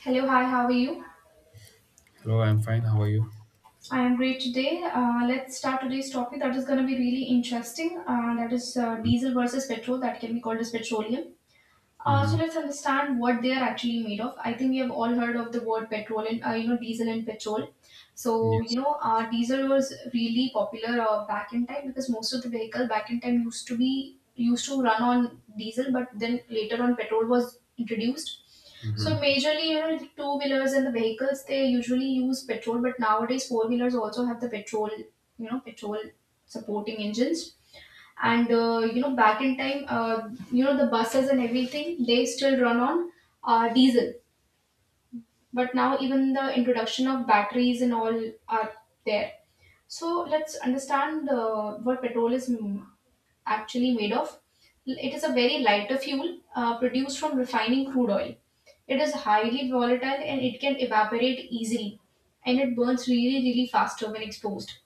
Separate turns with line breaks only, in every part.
Hello, hi, how are you?
Hello, I'm fine. How are you?
I am great today. Let's start today's topic that is going to be really interesting. That is diesel versus petrol, that can be called as petroleum. So
Mm-hmm.
let's understand what they are actually made of. I think we have all heard of the word petrol and diesel and petrol. So
Yes.
diesel was really popular back in time because most of the vehicle back in time used to be used to run on diesel, but then later on petrol was introduced. So
hmm
majorly, the two wheelers and the vehicles they usually use petrol, but nowadays four wheelers also have the petrol supporting engines, and back in time the buses and everything they still run on diesel. But now even the introduction of batteries and all are there. So let's understand what petrol is actually made of. It is a very lighter fuel produced from refining crude oil. It is highly volatile and it can evaporate easily, and it burns really really faster when exposed.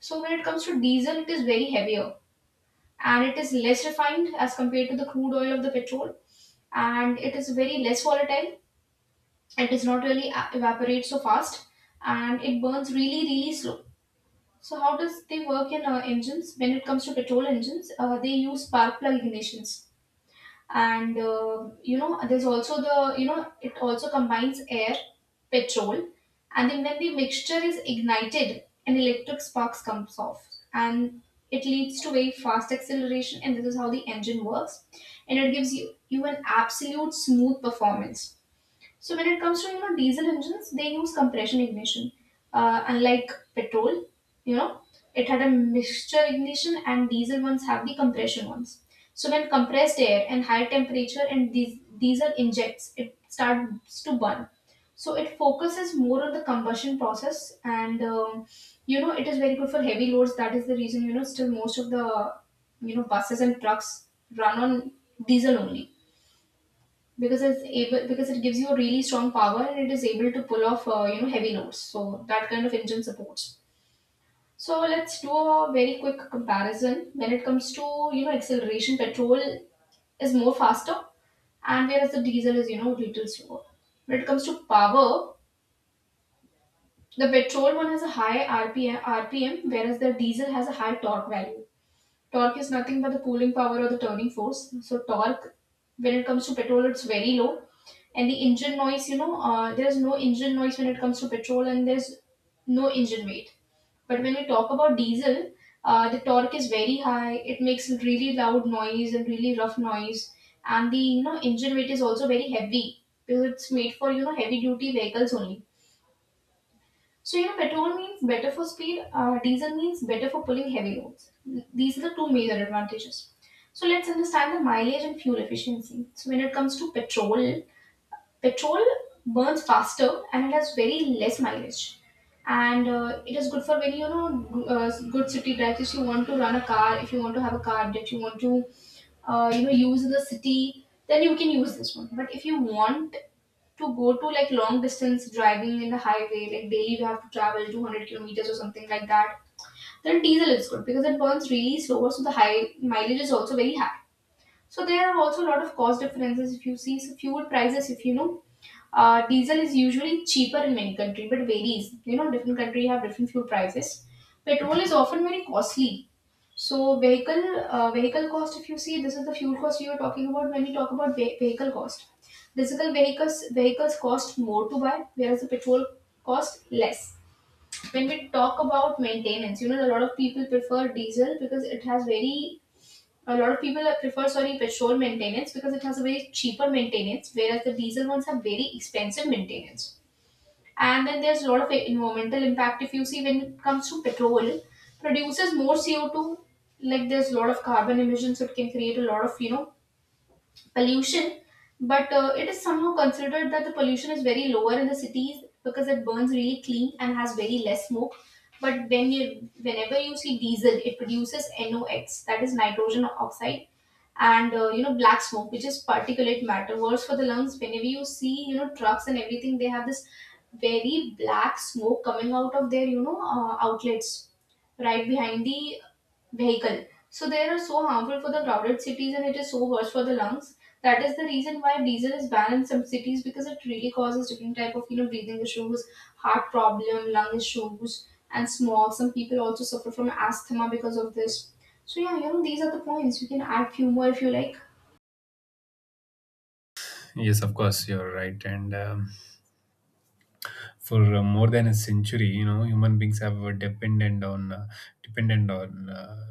So when it comes to diesel, it is very heavier, and it is less refined as compared to the crude oil of the petrol, and it is very less volatile. It does not really evaporate so fast, and it burns really really slow. So how does they work in engines? When it comes to petrol engines, they use spark plug ignitions, and there's also the you know it also combines air, petrol, and then when the mixture is ignited, an electric sparks comes off, and it leads to very fast acceleration, and this is how the engine works, and it gives you an absolute smooth performance. So when it comes to diesel engines, they use compression ignition, unlike petrol. You know, it had a mixture ignition, and diesel ones have the compression ones. So when compressed air and high temperature and diesel injects, it starts to burn. So it focuses more on the combustion process, and it is very good for heavy loads. That is the reason still most of the buses and trucks run on diesel only, because it's able because it gives you a really strong power, and it is able to pull off heavy notes, so that kind of engine supports. So let's do a very quick comparison. When it comes to acceleration, petrol is more faster, and whereas the diesel is little slower. When it comes to power, the petrol one has a high RPM, whereas the diesel has a high torque value. Torque is nothing but the pulling power or the turning force. So torque, when it comes to petrol, it's very low. And the engine noise, there's no engine noise when it comes to petrol, and there's no engine weight. But when we talk about diesel, the torque is very high. It makes really loud noise and really rough noise, and the engine weight is also very heavy because it's made for heavy duty vehicles only. So, petrol means better for speed, diesel means better for pulling heavy loads. These are the two major advantages. So let's understand the mileage and fuel efficiency. So, when it comes to petrol, petrol burns faster and it has very less mileage. And it is good for when good city drives. If you want to run a car, if you want to have a car, that you want to use in the city, then you can use this one. But if you want to go to like long distance driving in the highway, like daily you have to travel 200 kilometers or something like that, then diesel is good because it burns really slower, so the high mileage is also very high. So there are also a lot of cost differences. If you see, so fuel prices, if you know, diesel is usually cheaper in many countries, but varies. Different country have different fuel prices. Petrol is often very costly. So vehicle cost, if you see, this is the fuel cost you are talking about when we talk about vehicle cost. Diesel vehicles cost more to buy, whereas the petrol cost less. When we talk about maintenance, a lot of people prefer diesel because it has very, a lot of people prefer, sorry, petrol maintenance because it has a very cheaper maintenance, whereas the diesel ones have very expensive maintenance. And then there's a lot of environmental impact. If you see, when it comes to petrol, produces more CO2, like there's a lot of carbon emissions, so it can create a lot of pollution. But it is somehow considered that the pollution is very lower in the cities because it burns really clean and has very less smoke. But whenever you see diesel, it produces nox, that is nitrogen oxide, and black smoke, which is particulate matter, worse for the lungs. Whenever you see trucks and everything, they have this very black smoke coming out of their outlets right behind the vehicle. So they are so harmful for the crowded cities, and it is so worse for the lungs. That is the reason why diesel is banned in some cities, because it really causes different type of breathing issues, heart problem, lung issues, and smog. Some people also suffer from asthma because of this. So yeah, these are the points. You can add few more if you like.
Yes, of course, you're right. And For more than a century, you know, human beings have were dependent on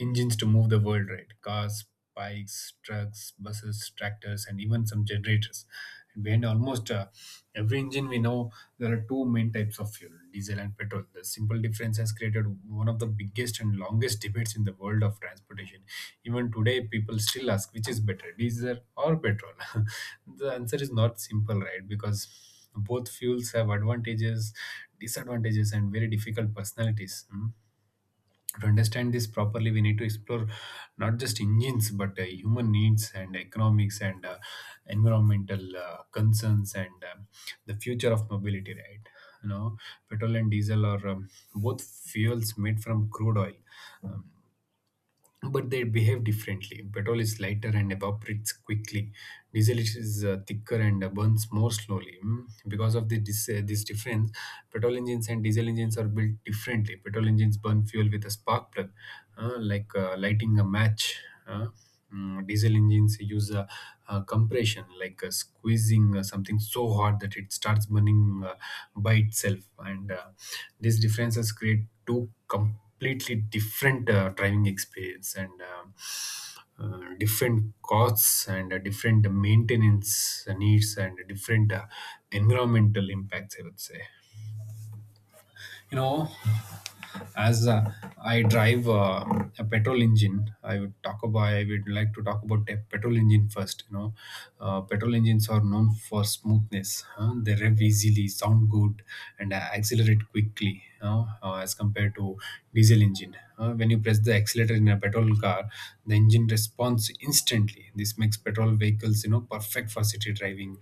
engines to move the world, right? Cars, bikes, trucks, buses, tractors, and even some generators. And behind almost every engine, we know there are two main types of fuel: diesel and petrol. The simple difference has created one of the biggest and longest debates in the world of transportation. Even today, people still ask which is better, diesel or petrol. The answer is not simple, right? Because both fuels have advantages, disadvantages, and very difficult personalities. Hmm. To understand this properly, we need to explore not just engines but human needs and economics and environmental concerns and the future of mobility, right? You know, petrol and diesel are both fuels made from crude oil. Um, but they behave differently. Petrol is lighter and evaporates quickly. Diesel is thicker and burns more slowly. Mm. Because of this difference, petrol engines and diesel engines are built differently. Petrol engines burn fuel with a spark plug, like lighting a match. uh, Diesel engines use compression, like squeezing something so hard that it starts burning by itself. And These differences create two completely different driving experience and different costs and different maintenance needs and different environmental impacts, I would say. You know, as I drive a petrol engine. I would like to talk about the petrol engine first. You know, petrol engines are known for smoothness, huh? They rev easily, sound good, and accelerate quickly, you know, as compared to diesel engine. When you press the accelerator in a petrol car, the engine responds instantly. This makes petrol vehicles, you know, perfect for city driving.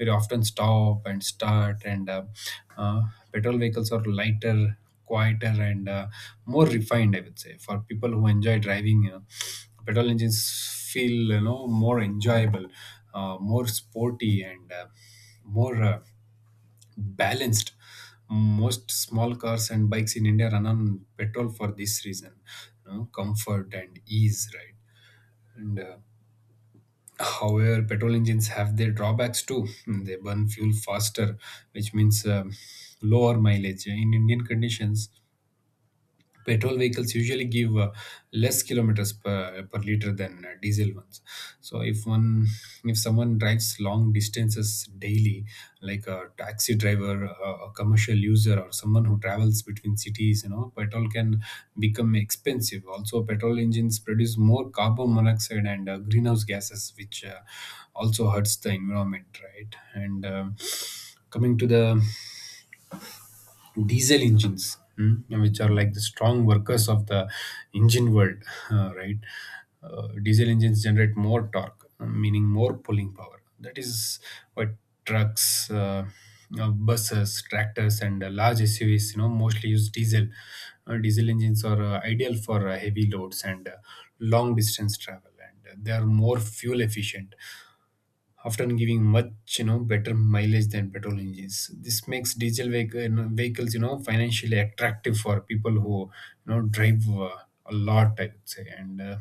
Very often stop and start, and uh, petrol vehicles are lighter, quieter, and more refined. I would say for people who enjoy driving, you know, petrol engines feel, you know, more enjoyable, more sporty, and more balanced. Most small cars and bikes in India run on petrol for this reason, you know, comfort and ease, right? And However, petrol engines have their drawbacks too. Hmm. They burn fuel faster, which means lower mileage. In Indian conditions, petrol vehicles usually give less kilometers per liter than diesel ones. so if one if someone drives long distances daily, like a taxi driver, a commercial user, or someone who travels between cities, you know, petrol can become expensive. Also, petrol engines produce more carbon monoxide and greenhouse gases, which also hurts the environment, right? and Coming to the diesel engines, mm, which are like the strong workers of the engine world, right? Diesel engines generate more torque, meaning more pulling power. That is what trucks, you buses, tractors, and large SUVs, you know, mostly use diesel. Diesel engines are ideal for heavy loads and long distance travel, and they are more fuel efficient, often giving, much, you know, better mileage than petrol engines. This makes diesel you know, vehicles, you know, financially attractive for people who, you know, drive a lot, I would say. And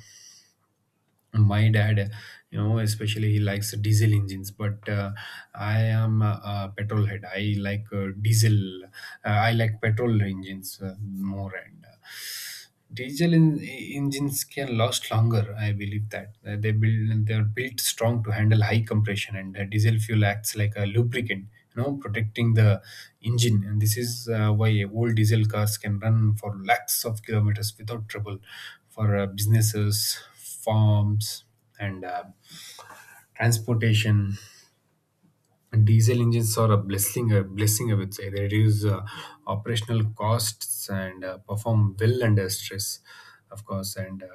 My dad, you know, especially, he likes diesel engines, but I am a petrol head. I like petrol engines more. And engines can last longer. I believe that. They are built strong to handle high compression, and diesel fuel acts like a lubricant, you know, protecting the engine. And this is why old diesel cars can run for lakhs of kilometers without trouble. For businesses, farms, and transportation, diesel engines are a blessing, I would say. They reduce operational costs and perform well under stress, of course. And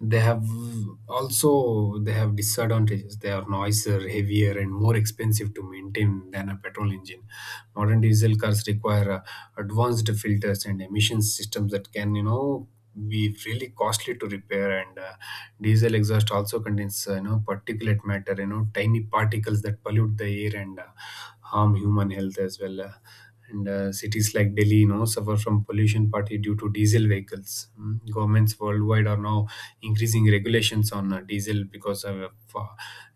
They have, also they have disadvantages. They are noisier, heavier, and more expensive to maintain than a petrol engine. Modern diesel cars require advanced filters and emission systems that can, you know, be really costly to repair. And Diesel exhaust also contains, you know, particulate matter, you know, tiny particles that pollute the air and harm human health as well. And Cities like Delhi, you know, suffer from pollution partly due to diesel vehicles. Mm. Governments worldwide are now increasing regulations on diesel because of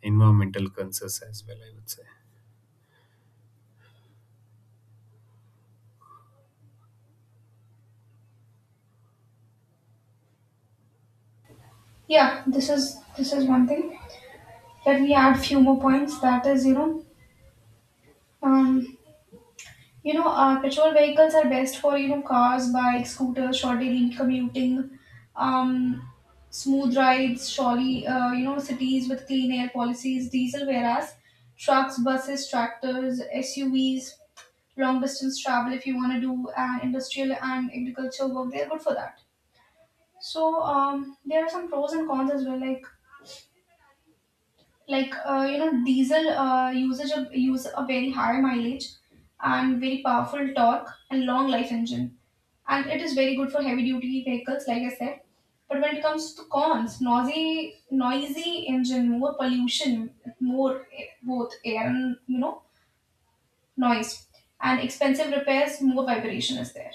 environmental concerns as well, I would say.
Yeah, this is one thing that we add few more points. That is, um, petrol vehicles are best for, cars, bikes, scooters, short daily commuting, um, smooth rides, surely, cities with clean air policies. Diesel, whereas trucks, buses, tractors, SUVs, long distance travel if you want to do industrial and agriculture work, they're good for that. So there are some pros and cons as well. Like, diesel, usage of use a very high mileage, and very powerful torque and long life engine, and it is very good for heavy duty vehicles like I said. But when it comes to cons, noisy engine, more pollution, more, both air and noise, and expensive repairs, more vibration is there.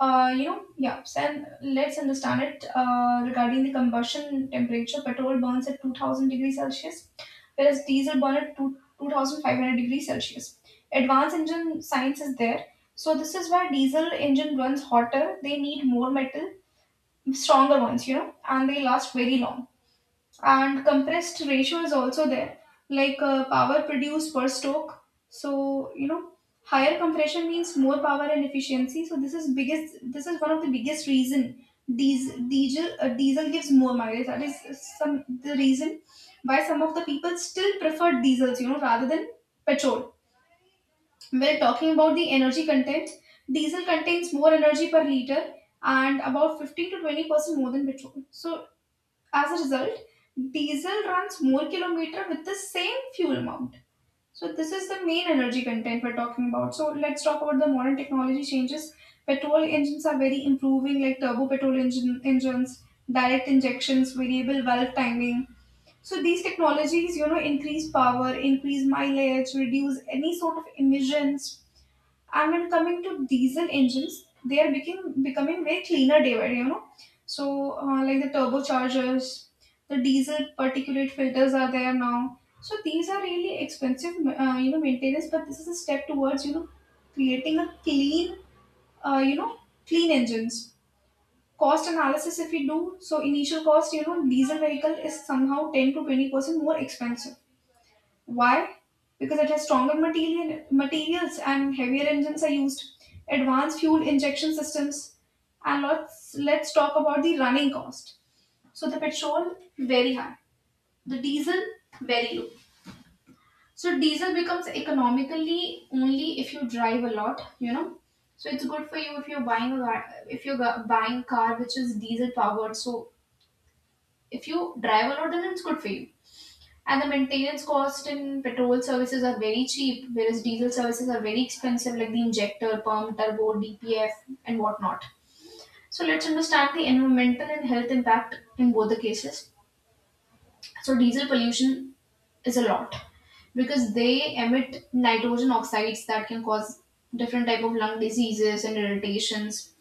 Yeah. So, and let's understand it regarding the combustion temperature. Petrol burns at 2000 degrees Celsius, whereas diesel burns at 2500 degrees Celsius. Advanced engine science is there. So this is why diesel engine runs hotter. They need more metal, stronger ones, and they last very long, and compressed ratio is also there, like power produced per stroke. So higher compression means more power and efficiency. So this is one of the biggest reason diesel gives more mileage, that is some the reason why some of the people still prefer diesels rather than petrol. We're talking about the energy content. Diesel contains more energy per liter, and about 15 to 20% more than petrol, so as a result, diesel runs more kilometer with the same fuel amount. So this is the main energy content we're talking about. So let's talk about the modern technology changes. Petrol engines are very improving, like turbo petrol engines, direct injections, variable valve timing. So these technologies, increase power, increase mileage, reduce any sort of emissions. And when coming to diesel engines, they are becoming way cleaner day by day. So, like the turbochargers, the diesel particulate filters are there now. So these are really expensive, maintenance. But this is a step towards creating a uh, you know, clean engines. Cost analysis, if we do so, initial cost, diesel vehicle is somehow 10% to 20% more expensive. Why? Because it has stronger materials and heavier engines are used, advanced fuel injection systems, and let's talk about the running cost. So the petrol very high, the diesel very low. So diesel becomes economically only if you drive a lot. So it's good for you if you're if you're buying car which is diesel powered. So if you drive a lot, then it's good for you. And the maintenance cost in petrol services are very cheap, whereas diesel services are very expensive, like the injector, pump, turbo, DPF, and whatnot. So let's understand the environmental and health impact in both the cases. So diesel pollution is a lot because they emit nitrogen oxides that can cause different type of lung diseases and irritations,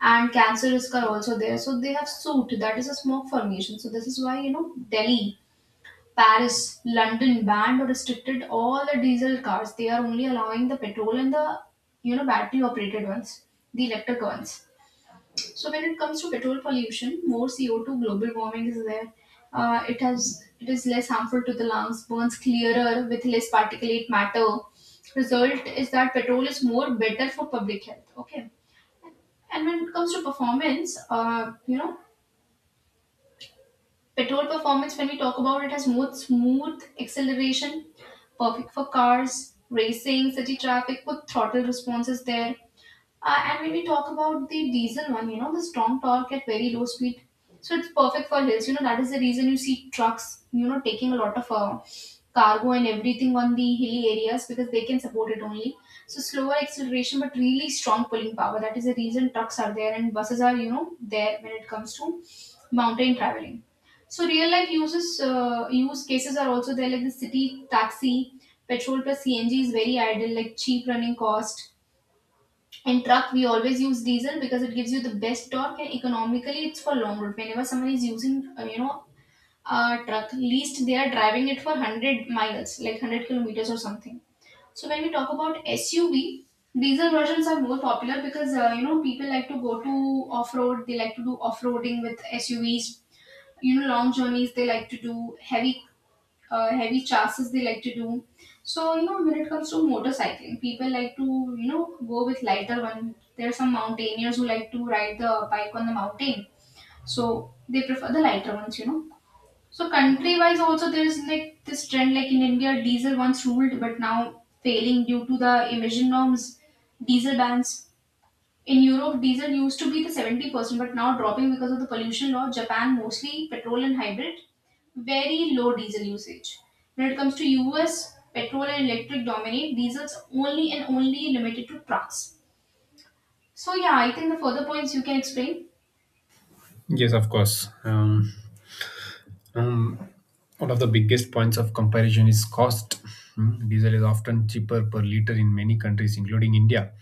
and cancer risk are also there. So they have soot, that is a smoke formation. So this is why Delhi, Paris, London banned or restricted all the diesel cars. They are only allowing the petrol and the battery operated ones, the electric ones. So when it comes to petrol pollution, more CO2, global warming is there. It is less harmful to the lungs, burns clearer with less particulate matter. Result is that petrol is more better for public health. Okay, and when it comes to performance, petrol performance, when we talk about it, has more smooth acceleration, perfect for cars, racing, city traffic. Good throttle response is there. And when we talk about the diesel one, the strong torque at very low speed, so it's perfect for hills. That is the reason you see trucks, taking a lot of cargo and everything on the hilly areas because they can support it only. So slower acceleration, but really strong pulling power. That is the reason trucks are there and buses are, there when it comes to mountain traveling. So real life use cases are also there, like the city taxi, petrol plus CNG is very idle, like cheap running cost in truck, we always use diesel because it gives you the best torque and economically it's for long road. Whenever someone is using, a truck, least they are driving it for 100 miles, like 100 kilometers or something. So when we talk about SUV, diesel versions are more popular because, people like to go to off road, they like to do off roading with SUVs, long journeys, they like to do heavy chases they like to do. So when it comes to motorcycling, people like to go with lighter one. There are some mountaineers who like to ride the bike on the mountain, so they prefer the lighter ones. So country wise also there is like this trend, like in India diesel once ruled but now failing due to the emission norms, diesel bans. In Europe, diesel used to be the 70%, but now dropping because of the pollution law. Japan, mostly petrol and hybrid, very low diesel usage. When it comes to US, petrol and electric dominate. Diesel's only and only limited to trucks. So yeah, I think the further points you can explain.
Yes, of course. Um, One of the biggest points of comparison is cost. Hmm. Diesel is often cheaper per liter in many countries, including India,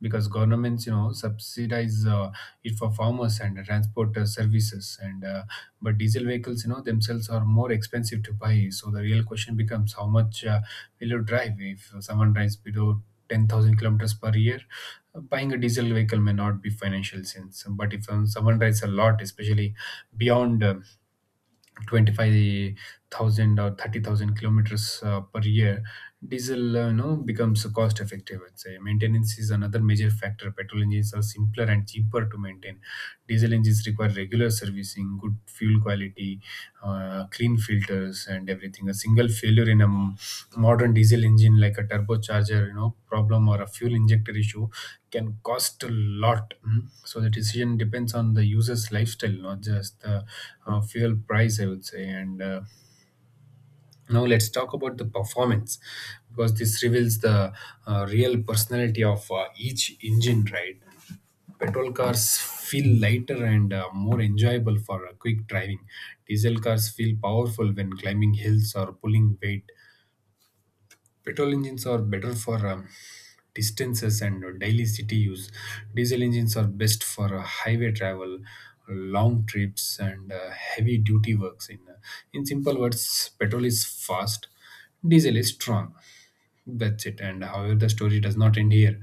because governments, you know, subsidize it for farmers and transport services. And But diesel vehicles, you know, themselves are more expensive to buy. So the real question becomes, how much will you drive? If someone drives below 10,000 kilometers per year, buying a diesel vehicle may not be financial sense. But if, someone drives a lot, especially beyond 25,000 or 30,000 kilometers per year, diesel, you know, becomes cost effective, I'd say. Maintenance is another major factor. Petrol engines are simpler and cheaper to maintain. Diesel engines require regular servicing, good fuel quality, clean filters, and everything. A single failure in modern diesel engine, like a turbocharger, you know, problem or a fuel injector issue, can cost a lot. Mm. So the decision depends on the user's lifestyle, not just the fuel price, I would say. And Now let's talk about the performance, because this reveals the real personality of each engine, right? Petrol cars feel lighter and more enjoyable for quick driving. Diesel cars feel powerful when climbing hills or pulling weight. Petrol engines are better for distances and daily city use. Diesel engines are best for highway travel, long trips, and heavy duty works. In simple words, petrol is fast, diesel is strong. That's it. And however, the story does not end here.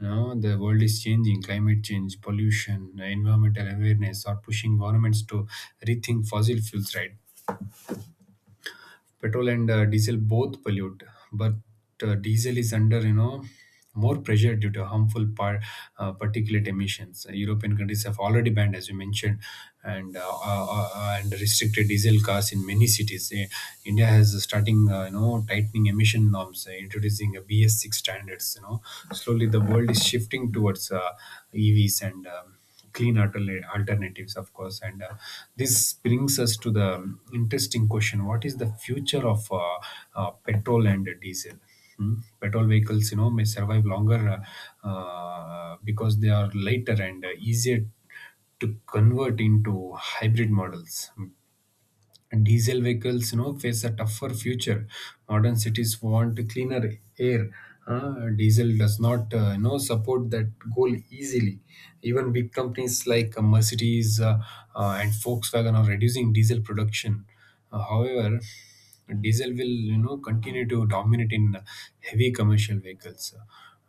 Now the world is changing. Climate change, pollution, environmental awareness are pushing governments to rethink fossil fuels, right? Petrol and diesel both pollute, but diesel is under, you know, more pressure due to harmful particulate emissions. European countries have already banned, as you mentioned, and restricted diesel cars in many cities. India has starting, you know, tightening emission norms, introducing a BS6 standards, you know. Slowly, the world is shifting towards EVs and clean alternatives, of course. And This brings us to the interesting question: what is the future of petrol and diesel? Hmm? Petrol vehicles, you know, may survive longer because they are lighter and easier to convert into hybrid models. And diesel vehicles, you know, face a tougher future. Modern cities want cleaner air. Diesel does not, you know, support that goal easily. Even big companies like Mercedes and Volkswagen are reducing diesel production. However, diesel will, you know, continue to dominate in heavy commercial vehicles,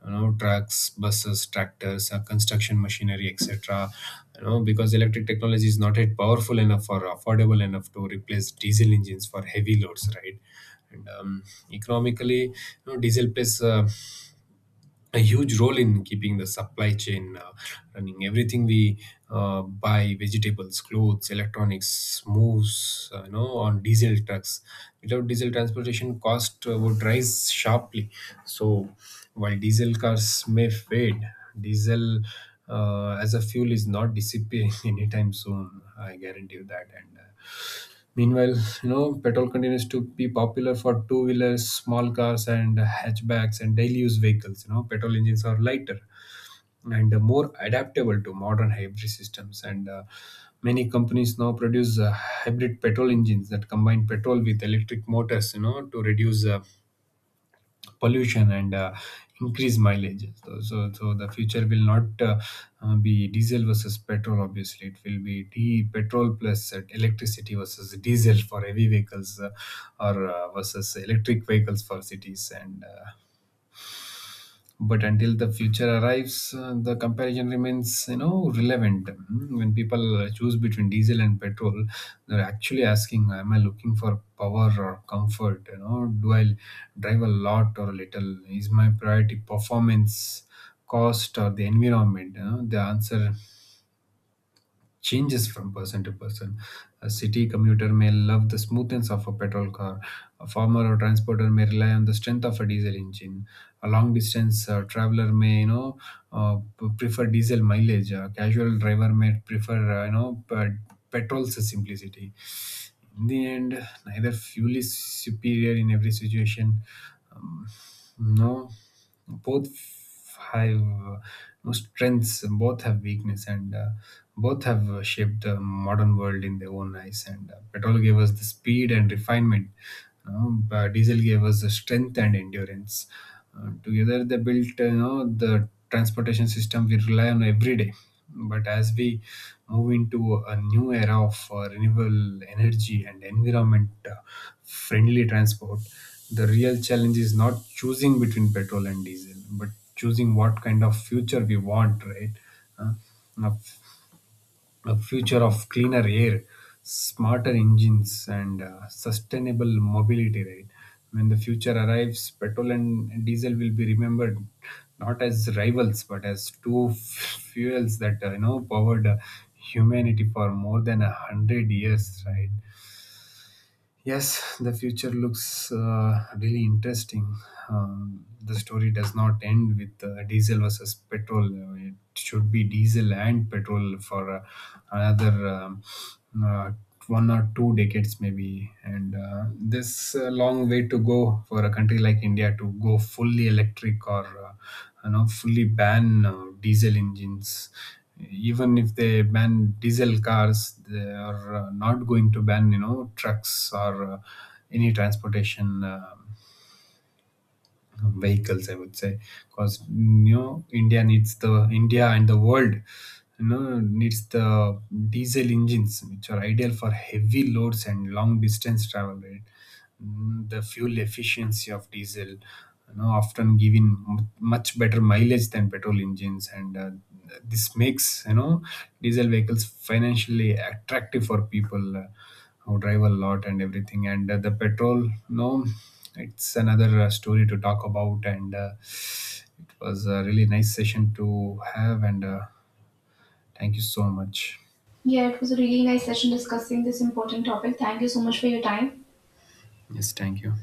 you know, trucks, buses, tractors, construction machinery, etc., you know, because electric technology is not yet powerful enough or affordable enough to replace diesel engines for heavy loads, right? and Economically, you know, diesel plays a huge role in keeping the supply chain running. Everything we buy, vegetables, clothes, electronics, moves, you know, on diesel trucks. Without diesel transportation, cost would rise sharply. So, while diesel cars may fade, diesel as a fuel is not disappearing anytime soon. I guarantee you that. And Meanwhile, you know, petrol continues to be popular for two wheelers, small cars, and hatchbacks and daily use vehicles. You know, petrol engines are lighter and more adaptable to modern hybrid systems. And Many companies now produce hybrid petrol engines that combine petrol with electric motors, you know, to reduce pollution and increased mileage. The future will not, be diesel versus petrol. Obviously, it will be d petrol plus electricity versus diesel for heavy vehicles, or versus electric vehicles for cities. And But until the future arrives, the comparison remains, you know, relevant. Mm. When people choose between diesel and petrol, they're actually asking, am I looking for power or comfort? You know, do I drive a lot or a little? Is my priority performance, cost, or the environment? You know, the answer changes from person to person. A city commuter may love the smoothness of a petrol car. A farmer or transporter may rely on the strength of a diesel engine. A long distance traveler may, you know, prefer diesel mileage. A casual driver may prefer, you know, petrol's simplicity. In the end, neither fuel is superior in every situation. Um, no, both have no strengths, both have weakness, and both have shaped the modern world in their own eyes. And Petrol gave us the speed and refinement, you know, but diesel gave us the strength and endurance. Together, they built you know, the transportation system we rely on every day. But as we move into a new era of renewable energy and environment friendly transport, the real challenge is not choosing between petrol and diesel, but choosing what kind of future we want, right? Uh, a, a future of cleaner air, smarter engines, and sustainable mobility, right? When the future arrives, petrol and diesel will be remembered not as rivals, but as fuels that, you know, powered humanity for more than 100 years, right? Yes, the future looks really interesting. The story does not end with diesel versus petrol. It should be diesel and petrol for another uh, one or two decades, maybe. And This long way to go for a country like India to go fully electric or, you know, fully ban diesel engines. Even if they ban diesel cars, they are, not going to ban, you know, trucks or any transportation vehicles, I would say. Because you know, India needs the, India and the world, you know, needs the diesel engines, which are ideal for heavy loads and long distance travel, right? Mm. The fuel efficiency of diesel, you know, often giving, much better mileage than petrol engines. And This makes, you know, diesel vehicles financially attractive for people who drive a lot and everything. And The petrol, no, it's another story to talk about. And It was a really nice session to have. And Thank you so much.
Yeah, it was a really nice session discussing this important topic. Thank you so much for your time.
Yes, thank you.